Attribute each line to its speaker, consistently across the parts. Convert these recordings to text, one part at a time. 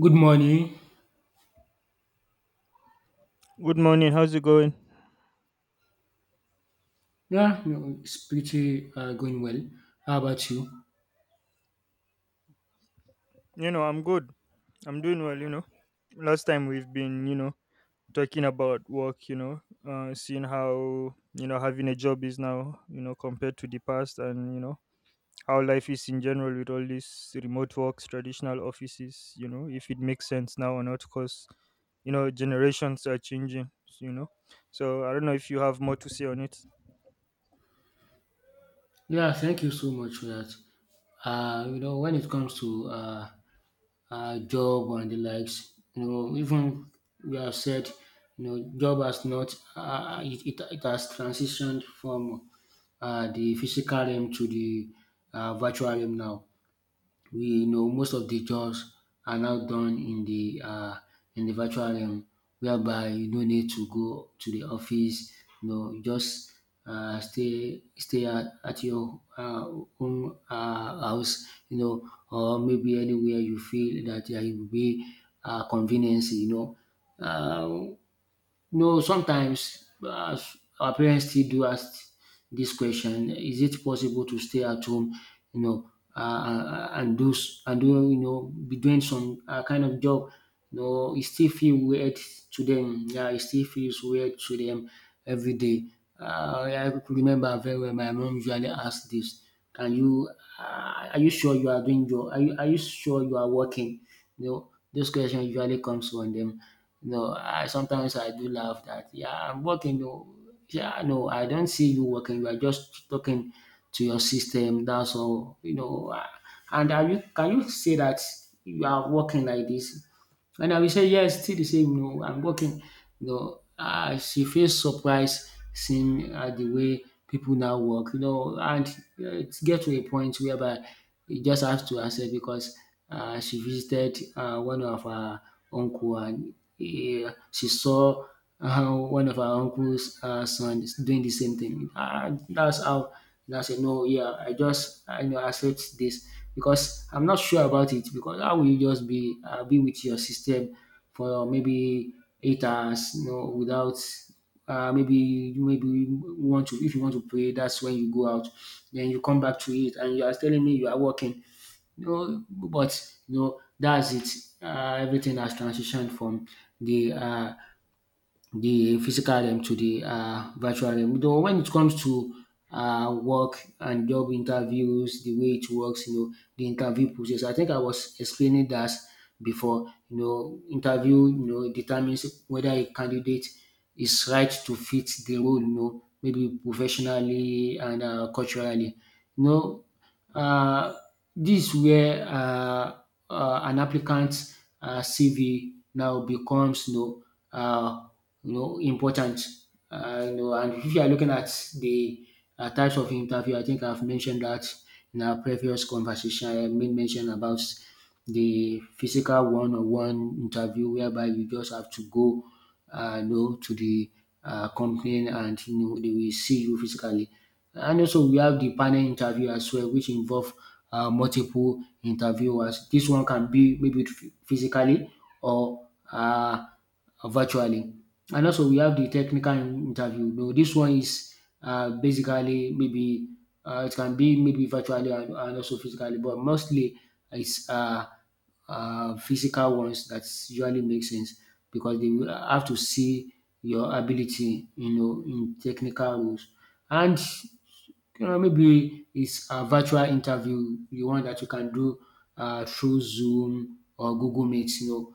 Speaker 1: Good morning.
Speaker 2: Good morning. How's it going?
Speaker 1: Yeah, you it's pretty going well. How about you?
Speaker 2: You know, I'm good. I'm doing well, you know. Last time we've been, you know, talking about work, you know, seeing how, you know, having a job is now, you know, compared to the past and, you know, how life is in general with all these remote works, traditional offices, you know, if it makes sense now or not, because, you know, generations are changing, you know. So I don't know if you have more to say on it.
Speaker 1: Yeah, thank you so much for that. You know, when it comes to job and the likes, you know, even we have said, you know, job has not, it has transitioned from the physical realm to the virtual realm now. We know most of the jobs are now done in the virtual realm, whereby you no need to go to the office. You know, you just stay at your own house. You know, or maybe anywhere you feel that there will be convenience. Uh, no, sometimes our parents still do ask this question: is it possible to stay at home, you know, and do and do you know be doing some kind of job? No, it still feels weird to them. Yeah, it still feels weird to them every day. I could remember very well. My mom usually asked this: can you? Are you sure you are doing your? Are you sure you are working? You know, this question usually comes from them. No, I sometimes I do laugh that yeah, I'm working. No, yeah, no, I don't see you working. You are just talking to your system. That's all, you know. Ah, and are you can you say that you are working like this? And I will say, yes, still the same. No, I'm working. She feels surprised seeing the way people now work, you know, and it get to a point whereby you just have to accept because she visited one of her uncle, and she saw how one of our uncle's son is doing the same thing. That's how. And I said, no, yeah, I you know accept this because I'm not sure about it, because how will you just be with your system for maybe 8 hours, you know, without maybe you want to, if you want to pray, that's when you go out. Then you come back to it, and you are telling me you are working. No, but you know, that's it. Everything has transitioned from the physical realm to the virtual realm. Though, when it comes to work and job interviews, the way it works, you know, the interview process. I think I was explaining that before. You know, interview, you know, determines whether a candidate is right to fit the role. You know, maybe professionally and culturally. You know, um this where an applicant's CV now becomes, you know, um important. And if you are looking at the types of interview, I think I've mentioned that in our previous conversation. I made mention about the physical one on one interview, whereby you just have to go you know, to the company, and you know, they will see you physically. And also we have the panel interview as well, which involve multiple interviewers. This one can be maybe physically or virtually. And also we have the technical interview. No, this one is basically maybe it can be maybe virtually and also physically, but mostly it's physical ones that usually make sense, because they will have to see your ability, you know, in technical rules. And you know, maybe it's a virtual interview, the one that you can do through Zoom or Google Meet, you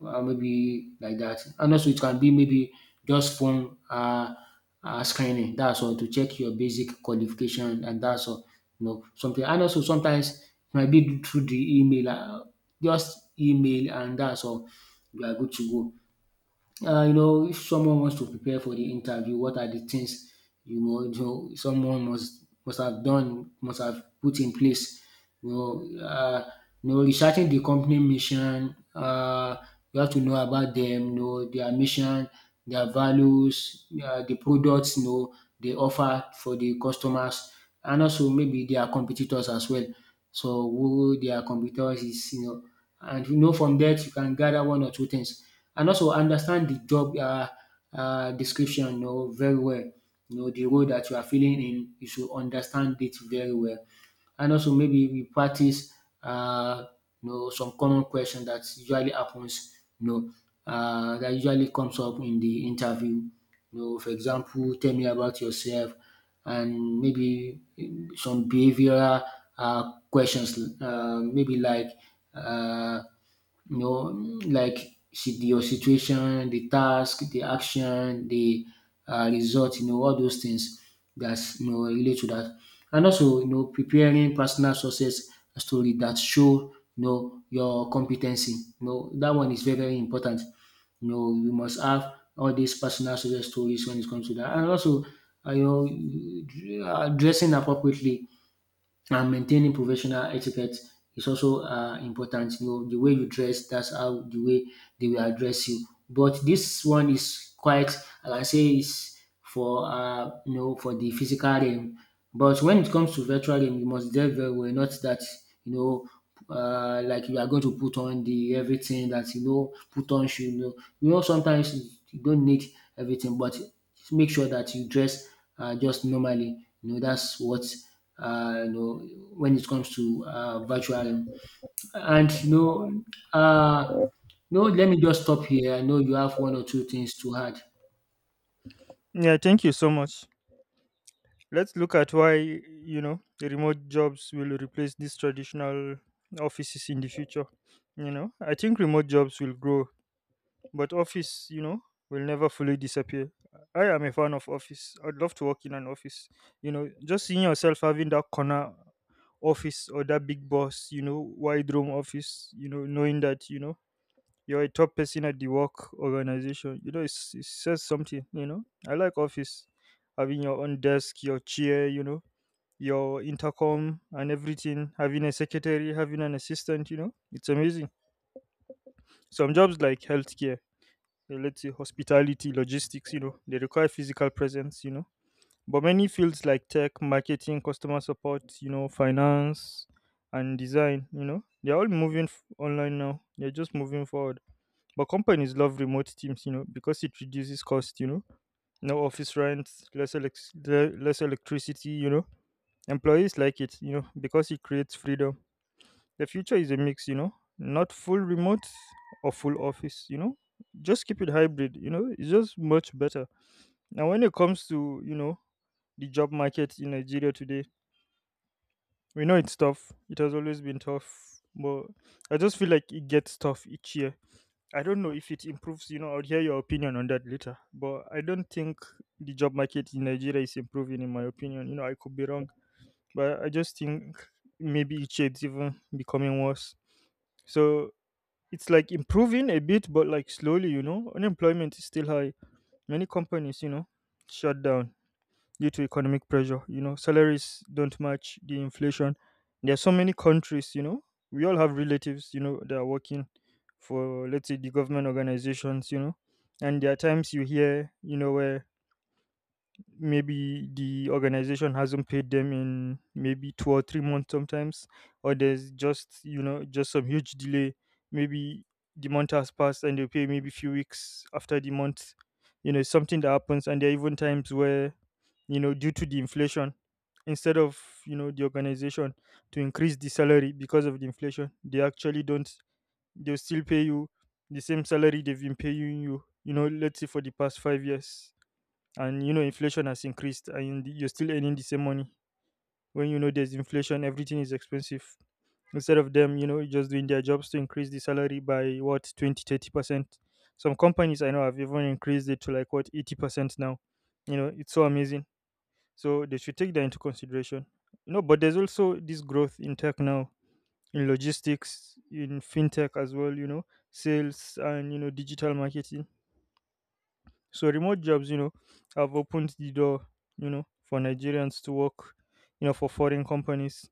Speaker 1: know, maybe like that. And also, it can be maybe just phone screening. That's all, to check your basic qualification, and that's all. You know, something. And also, sometimes it might be through the email, just email, and that's all. You are good to go. You know, if someone wants to prepare for the interview, what are the things, you know someone must have done, must have put in place? You know, uh, Researching the company mission. You have to know about them, you know their mission, their values, the products you know they offer for the customers, and also maybe their competitors as well. So who their competitors is, you know, and you know from that you can gather one or two things, and also understand the job description, you know, very well. You know the role that you are filling in, you should understand it very well. And also, maybe we practice uh, you know, some common question that usually happens, you know, that usually comes up in the interview. You know, for example, tell me about yourself, and maybe some behavioral questions, maybe like uh you know, like your situation, the task, the action, the result, you know, all those things that's you know relate to that. And also, you know, preparing personal success story that show you know your competency. You know, that one is very, very important. You know, you must have all these personal success stories when it comes to that. And also, you know, dressing appropriately and maintaining professional etiquette is also important. You know, the way you dress, that's how the way they will address you. But this one is quite, I can say, is for you know, for the physical realm. But when it comes to virtual realm, you must do very well. Not that you know. Like you are going to put on the everything that you know, put on shoe. You know sometimes you don't need everything, but make sure that you dress just normally. You know, that's what uh, you know, when it comes to virtual. And you know, uh, no, let me just stop here. I know you have one or two things to add.
Speaker 2: Yeah, thank you so much. Let's look at why, you know, the remote jobs will replace these traditional offices in the future. You know, I think remote jobs will grow, but office, you know, will never fully disappear. I am a fan of office. I'd love to work in an office. You know, just seeing yourself having that corner office or that big boss, you know, wide room office, you know, knowing that, you know, you're a top person at the work organization. You know, it's, it says something, you know. I like office. Having your own desk, your chair, you know, your intercom and everything. Having a secretary, having an assistant, you know. It's amazing. Some jobs like healthcare, let's say hospitality, logistics, you know, they require physical presence, you know. But many fields like tech, marketing, customer support, you know, finance, and design, you know, they're all moving online now. They're just moving forward, but companies love remote teams, you know, because it reduces cost, you know. No office rent, less, less electricity, you know. Employees like it, you know, because it creates freedom. The future is a mix, you know, not full remote or full office, you know. Just keep it hybrid, you know, it's just much better. Now, when it comes to, you know, the job market in Nigeria today, we know it's tough. It has always been tough, but I just feel like it gets tough each year. I don't know if it improves, you know. I'll hear your opinion on that later. But I don't think the job market in Nigeria is improving, in my opinion. You know, I could be wrong, but I just think maybe it shades even becoming worse. So it's like improving a bit, but like slowly, you know. Unemployment is still high. Many companies, you know, shut down due to economic pressure. You know, salaries don't match the inflation. There are so many countries, you know, we all have relatives, you know, that are working for, let's say, the government organizations, you know. And there are times you hear, you know, where maybe the organization hasn't paid them in maybe 2 or 3 months sometimes, or there's just you know just some huge delay. Maybe the month has passed and they pay maybe few weeks after the month, you know. It's something that happens. And there are even times where, you know, due to the inflation, instead of, you know, the organization to increase the salary because of the inflation, they actually don't. They'll still pay you the same salary they've been paying you, you know, let's say for the past 5 years. And, you know, inflation has increased and you're still earning the same money, when, you know, there's inflation, everything is expensive. Instead of them, you know, just doing their jobs to increase the salary by, what, 20 30%? Some companies I know have even increased it to, like, what, 80% now, you know. It's so amazing. So they should take that into consideration, you know. But there's also this growth in tech now, in logistics, in fintech as well, you know, sales and, you know, digital marketing. So remote jobs, you know, have opened the door, you know, for Nigerians to work, you know, for foreign companies.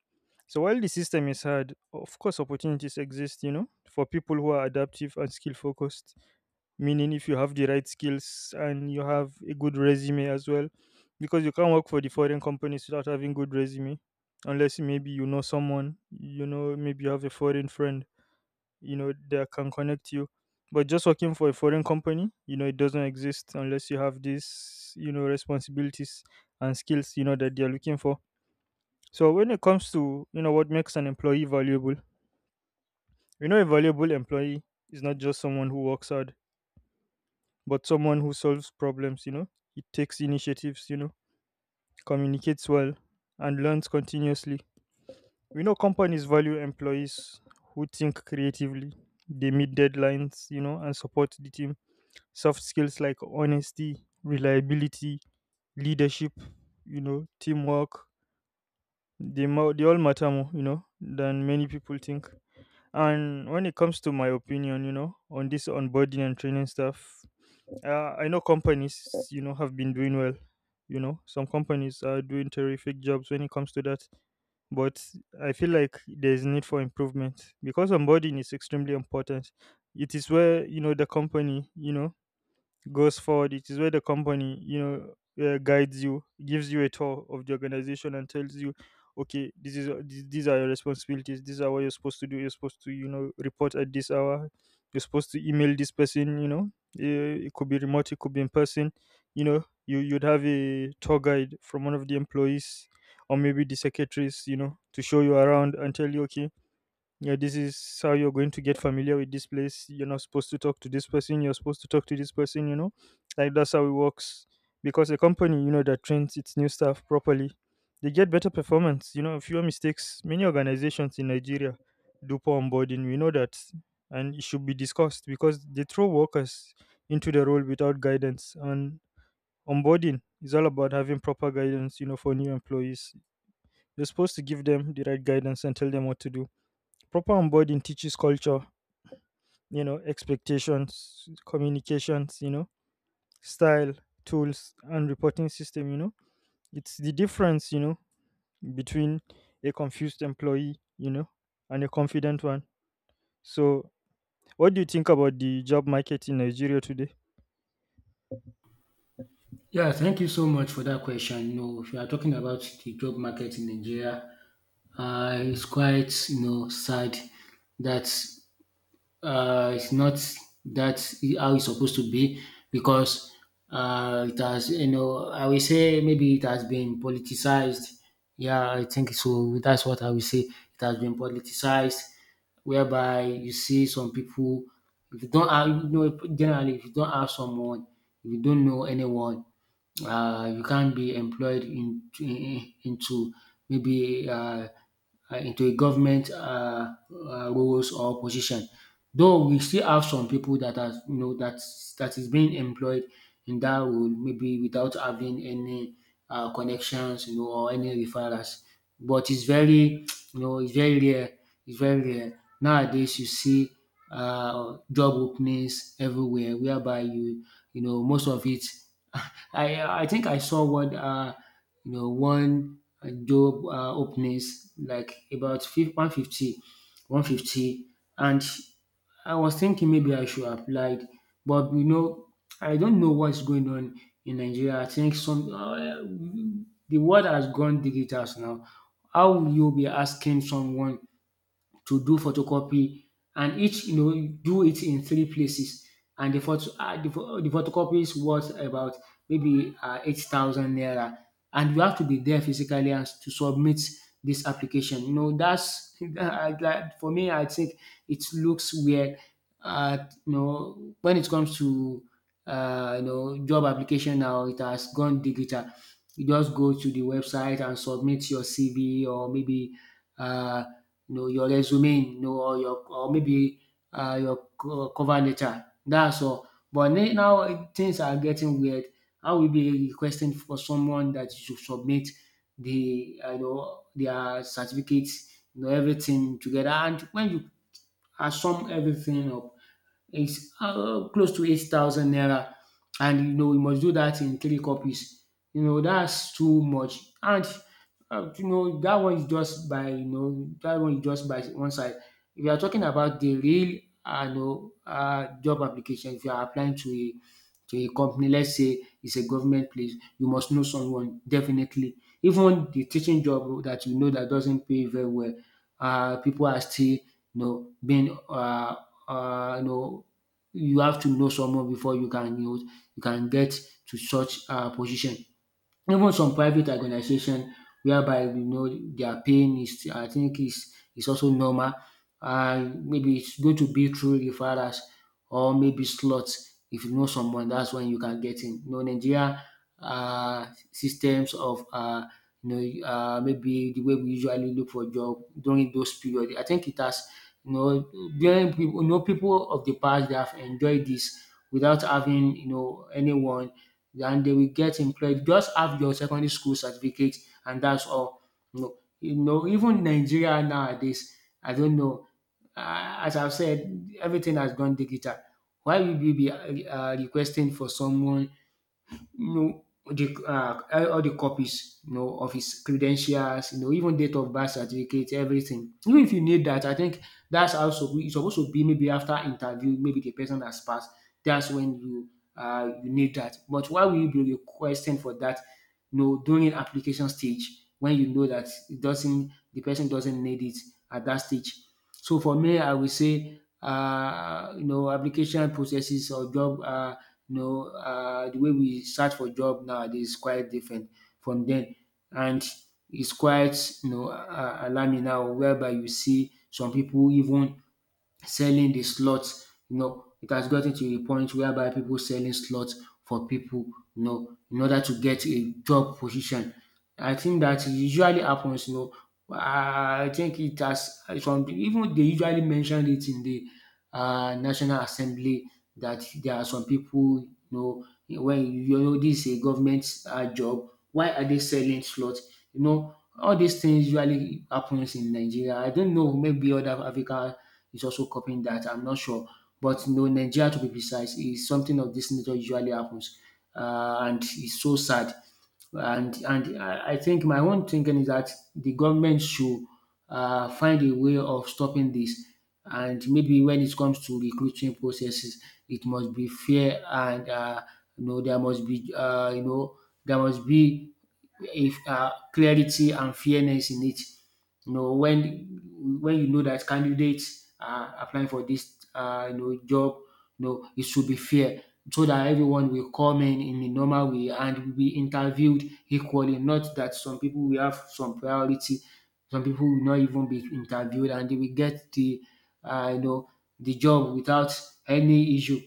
Speaker 2: So while the system is hard, of course opportunities exist, you know, for people who are adaptive and skill focused. Meaning if you have the right skills and you have a good resume as well. Because you can't work for the foreign companies without having good resume. Unless maybe you know someone, you know, maybe you have a foreign friend, you know, that can connect you. But just working for a foreign company, you know, it doesn't exist unless you have these, you know, responsibilities and skills, you know, that they're looking for. So when it comes to, you know, what makes an employee valuable, you know, a valuable employee is not just someone who works hard, but someone who solves problems, you know. It takes initiatives, you know, communicates well, and learns continuously. We know companies value employees who think creatively. They meet deadlines, you know, and support the team. Soft skills like honesty, reliability, leadership, you know, teamwork, they, they all matter more, you know, than many people think. And when it comes to my opinion, you know, on this onboarding and training stuff, I know companies, you know, have been doing well. You know, some companies are doing terrific jobs when it comes to that. But I feel like there's need for improvement because onboarding is extremely important. It is where, you know, the company, you know, goes forward. It is where the company, you know, guides you, gives you a tour of the organization, and tells you, okay, this is these are your responsibilities. These are what you're supposed to do. You're supposed to, you know, report at this hour. You're supposed to email this person. You know, it could be remote, it could be in person. You know, you'd have a tour guide from one of the employees or maybe the secretaries, you know, to show you around and tell you, okay, yeah, this is how you're going to get familiar with this place. You're not supposed to talk to this person. You're supposed to talk to this person. You know, like that's how it works. Because a company, you know, that trains its new staff properly, they get better performance. You know, fewer mistakes. Many organizations in Nigeria do poor onboarding. We know that, and it should be discussed because they throw workers into the role without guidance. And onboarding is all about having proper guidance. You know, for new employees, you're supposed to give them the right guidance and tell them what to do. Proper onboarding teaches culture, you know, expectations, communications, you know, style, tools, and reporting system, you know. It's the difference, you know, between a confused employee, you know, and a confident one. So, what do you think about the job market in Nigeria today?
Speaker 1: Yeah, thank you so much for that question. You know, if you are talking about the job market in Nigeria, it's quite you know sad that it's not that how it's supposed to be, because it has, you know, I will say maybe it has been politicized. Yeah, I think so. That's what I will say. It has been politicized, whereby you see some people, if you don't have, you know, generally, if you don't have someone, if you don't know anyone, you can't be employed into maybe into a government roles or position. Though, we still have some people that are you know that is being employed in that role, maybe without having any connections, you know, or any referrals. But it's very you know, it's very rare. It's very rare nowadays. You see job openings everywhere, whereby you you know most of it. I think I saw what one job openings like about 150, 150, and I was thinking maybe I should apply, but you know I don't know what's going on in Nigeria. I think some the world has gone digital now. How will you be asking someone to do photocopy, and each you know do it in three places, and the the photocopy is worth about maybe 8000 naira, and you have to be there physically and to submit this application, you know. That's for me, I think it looks weird. uh, you know, when it comes to you know job application, now it has gone digital. You just go to the website and submit your CV, or maybe uh, you know, your resume, you know, or your, or maybe your cover letter. That's all. But now things are getting weird. I will be requesting for someone that you should submit the you know their certificates, you know, everything together. And when you are sum everything up, it's close to 8,000 naira, and you know you must do that in three copies. You know, that's too much. And you know, that one is just by you know that one is just by one side. If you are talking about the real job application, if you are applying to a company, let's say it's a government place, you must know someone definitely. Even the teaching job that you know that doesn't pay very well, people are still you know being you know, you have to know someone before you can you know you can get to such position. Even some private organization whereby their paying is, I think, is also normal, and maybe it's going to be through referrals or maybe slots. If you know someone, that's when you can get in. Nigeria, systems of, maybe the way we usually look for job during those period. I think it has. you know During people you know people of the past, they have enjoyed this without having, anyone, and they will get employed. Just have your secondary school certificate, and that's all. Even Nigeria nowadays, I don't know. As I've said, everything has gone digital. Why will you be requesting for someone, you know, the, all the copies, of his credentials, even date of birth certificate, everything. Even if you need that, I think that's also it's supposed to be. Maybe after interview, maybe the person has passed. That's when you need that. But why will you be requesting for that? During application stage, when you know that it doesn't the person doesn't need it at that stage. So for me, I will say, application processes or job, the way we search for job nowadays is quite different from then, and it's quite alarming now, whereby you see some people even selling the slots. It has gotten to a point whereby people selling slots for people, in order to get a job position. I think that usually happens. I think it has some, even they usually mentioned it in the National Assembly, that there are some people, you know, when you know this is a government job, why are they selling slots? All these things usually happens in Nigeria. I don't know, maybe other African is also copying that. I'm not sure, but no, Nigeria to be precise is something of this nature usually happens, and it's so sad, and I think my own thinking is that the government should find a way of stopping this. And maybe when it comes to recruiting processes, it must be fair, and there must be, there must be if clarity and fairness in it. You know when when you know that candidates are applying for this job, you know it should be fair so that everyone will come in a normal way and will be interviewed equally. Not that some people will have some priority, some people will not even be interviewed, and they will get the you know the job without any issue.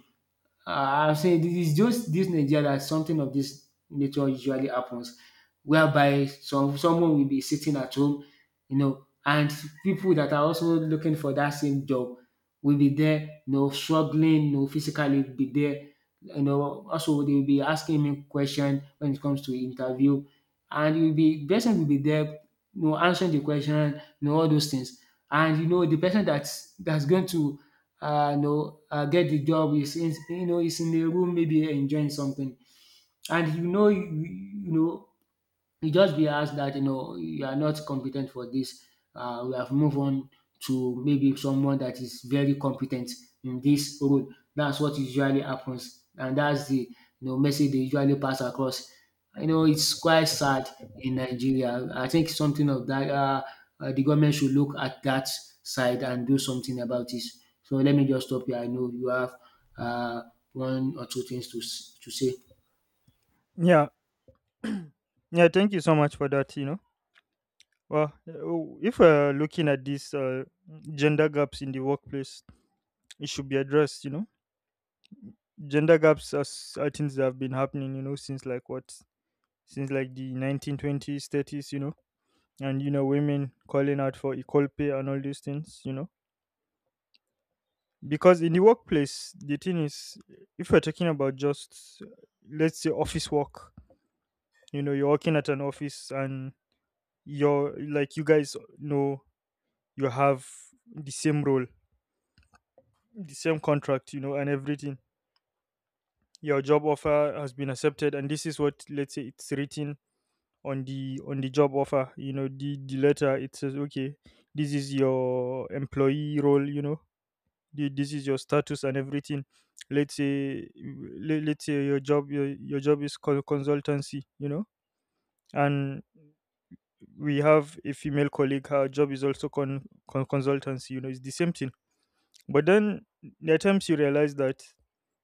Speaker 1: I say it is just this Nigeria that something of this nature usually happens, whereby someone will be sitting at home, and people that are also looking for that same job will be there, struggling, physically be there, also they will be asking me question when it comes to interview, and you'll be person will be there, answering the question, all those things, and the person that's going to get the job is you know is in a room maybe enjoying something, and you just be asked that you are not competent for this. We have moved on to maybe someone that is very competent in this role. That's what usually happens, and that's the message they usually pass across. It's quite sad in Nigeria. I think something of that the government should look at that side and do something about it. So let me just stop here. I know you have one or two things to say.
Speaker 2: Yeah, yeah, thank you so much for that, you know. Well, if we're looking at these gender gaps in the workplace, it should be addressed, you know. Gender gaps are, are things that have been happening, you know, since like what, since like the 1920s 30s, you know. And, you know, women calling out for equal pay and all these things, you know. Because in the workplace the thing is, if we're talking about just, let's say, office work, you know, you're working at an office and you're like you guys know, you have the same role, the same contract, you know, and everything. Your job offer has been accepted and this is what, let's say, it's written on the job offer, you know. The letter, it says, okay, this is your employee role, you know. This is your status and everything. Let's say, let's say your job, your job is called consultancy, you know. And we have a female colleague, her job is also consultancy, you know, it's the same thing. But then there are times you realize that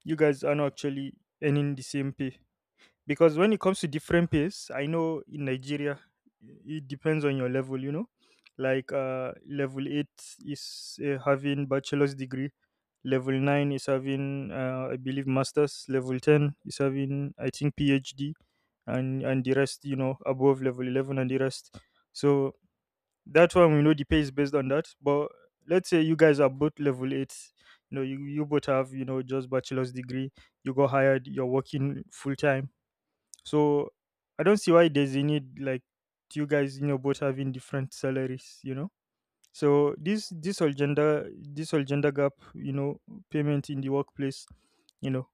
Speaker 2: you guys are not actually earning the same pay. Because when it comes to different pays, I know in Nigeria it depends on your level, you know. Like, level 8 is, having bachelor's degree. Level 9 is having, I believe masters. Level 10 is having, I think, PhD. And the rest, you know, above level 11 and the rest. So that one, we know the pay is based on that. But let's say you guys are both level 8, you know. You both have, you know, just bachelor's degree. You go hired, you're working full time. So I don't see why there's a need, like, you guys, you know, both having different salaries, you know. So this this whole gender gap, you know, payment in the workplace, you know,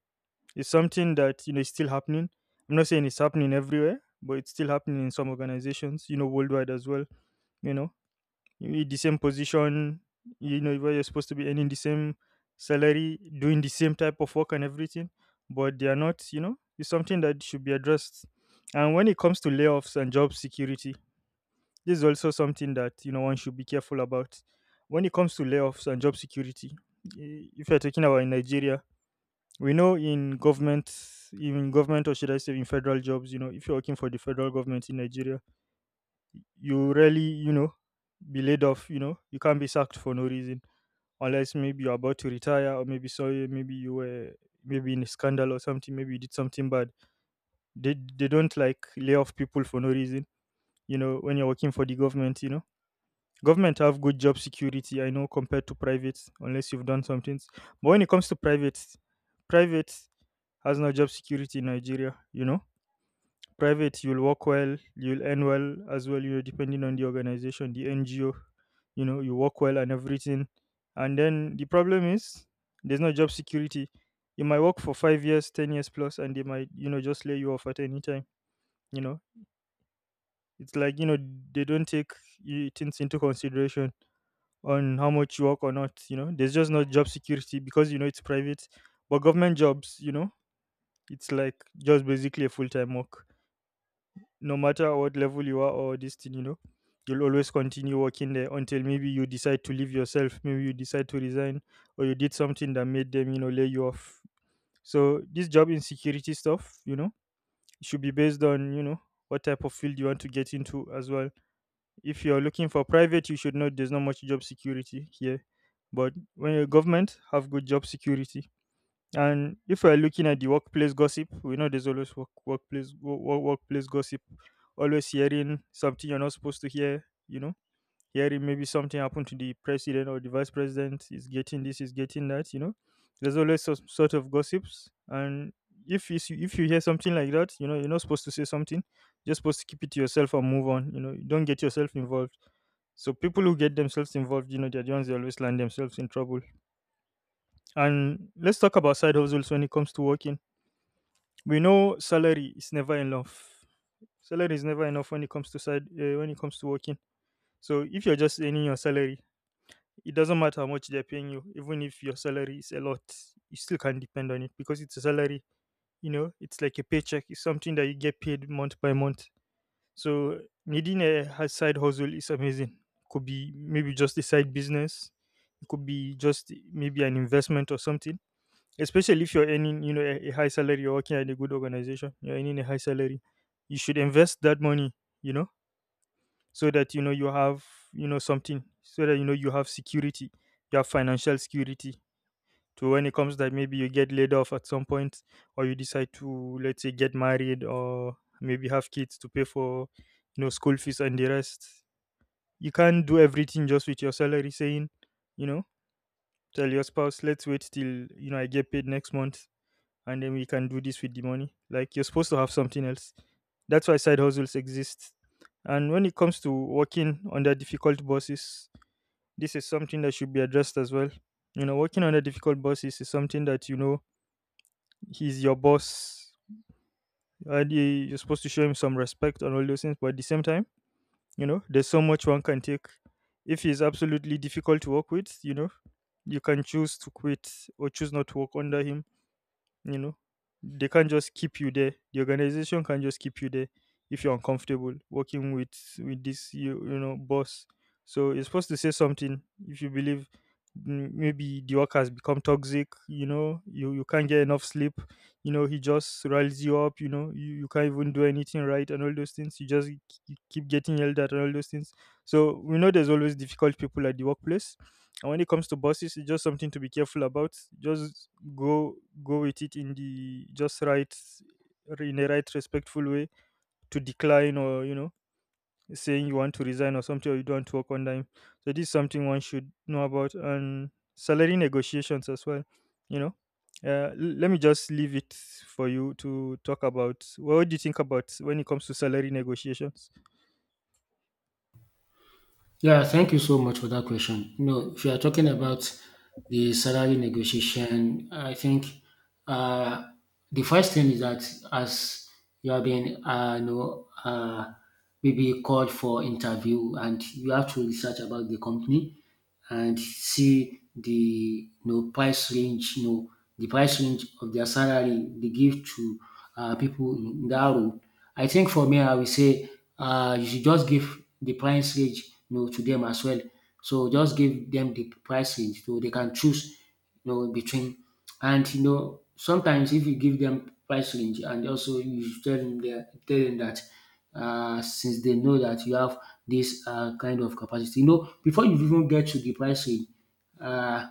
Speaker 2: is something that, you know, is still happening. I'm not saying it's happening everywhere, but it's still happening in some organizations, you know, worldwide as well. You know, you eat the same position, where you're supposed to be earning the same salary, doing the same type of work and everything, but they are not. It's something that should be addressed. And when it comes to layoffs and job security, this is also something that, one should be careful about. When it comes to layoffs and job security, if you're talking about in Nigeria, we know in government, even government, or should I say in federal jobs, if you're working for the federal government in Nigeria, you really, be laid off. You can't be sacked for no reason unless maybe you're about to retire, or maybe, sorry, maybe you were maybe in a scandal or something, maybe you did something bad. They don't like lay off people for no reason, when you're working for the government. Government have good job security, I know, compared to private, unless you've done some things. But when it comes to private, private has no job security in Nigeria. Private, you'll work well, you'll earn well as well, depending on the organization, the NGO. You work well and everything, and then the problem is there's no job security. You might work for 5 years, 10 years plus, and they might just lay you off at any time. you know it's like, they don't take things into consideration on how much you work or not. There's just no job security because it's private. But government jobs, it's like just basically a full-time work, no matter what level you are or this thing. You'll always continue working there until maybe you decide to leave yourself, maybe you decide to resign, or you did something that made them, lay you off. So this job insecurity stuff, should be based on, what type of field you want to get into as well. If you're looking for private, you should know there's not much job security here. But when you're government, have good job security. And if we're looking at the workplace gossip, we know there's always workplace gossip, always hearing something you're not supposed to hear. Hearing maybe something happened to the president, or the vice president is getting this, is getting that. There's always some sort of gossips, and if you hear something like that, you know you're not supposed to say something. You're supposed to keep it to yourself and move on. Don't get yourself involved. So people who get themselves involved, they're the ones that always land themselves in trouble. And let's talk about side hustles. When it comes to working, we know salary is never enough. Salary is never enough when it comes to side when it comes to working. So if you're just earning your salary, it doesn't matter how much they're paying you. Even if your salary is a lot, you still can't depend on it because it's a salary. It's like a paycheck. It's something that you get paid month by month. So needing a side hustle is amazing. Could be maybe just a side business. It could be just maybe an investment or something. Especially if you're earning, a high salary, you're working at a good organization, you're earning a high salary, you should invest that money, you know, so that you know you have, something, so that you know you have security, you have financial security. To when it comes that maybe you get laid off at some point, or you decide to, let's say, get married, or maybe have kids to pay for, school fees and the rest. You can't do everything just with your salary, saying, you know, tell your spouse, let's wait till you know I get paid next month, and then we can do this with the money. Like you're supposed to have something else. That's why side hustles exist. And when it comes to working under difficult bosses, this is something that should be addressed as well. Working under difficult bosses is something that, he's your boss, and you're supposed to show him some respect and all those things. But at the same time, there's so much one can take. If he's absolutely difficult to work with, you can choose to quit or choose not to work under him. You know, they can't just keep you there. The organization can't just keep you there if you're uncomfortable working with this boss. So you're supposed to say something if you believe maybe the work has become toxic. You can't get enough sleep. He just riles you up. You can't even do anything right and all those things. You just keep getting yelled at and all those things. So we know there's always difficult people at the workplace. And when it comes to buses, it's just something to be careful about. Just go go with it in the right respectful way to decline, or saying you want to resign or something, or you don't want to work on time. So this is something one should know about. And salary negotiations as well. You know, let me just leave it for you to talk about what do you think about when it comes to salary negotiations.
Speaker 1: Yeah, thank you so much for that question. No, if you are talking about the salary negotiation, I think, uh, the first thing is that, as you have been, maybe called for interview, and you have to research about the company and see the, price range, the price range of their salary they give to people in that role. I think for me, I will say you should just give the price range, to them as well. So just give them the price range so they can choose, in between. And sometimes if you give them price range and also you tell them that, since they know that you have this kind of capacity, before you even get to the price range, uh,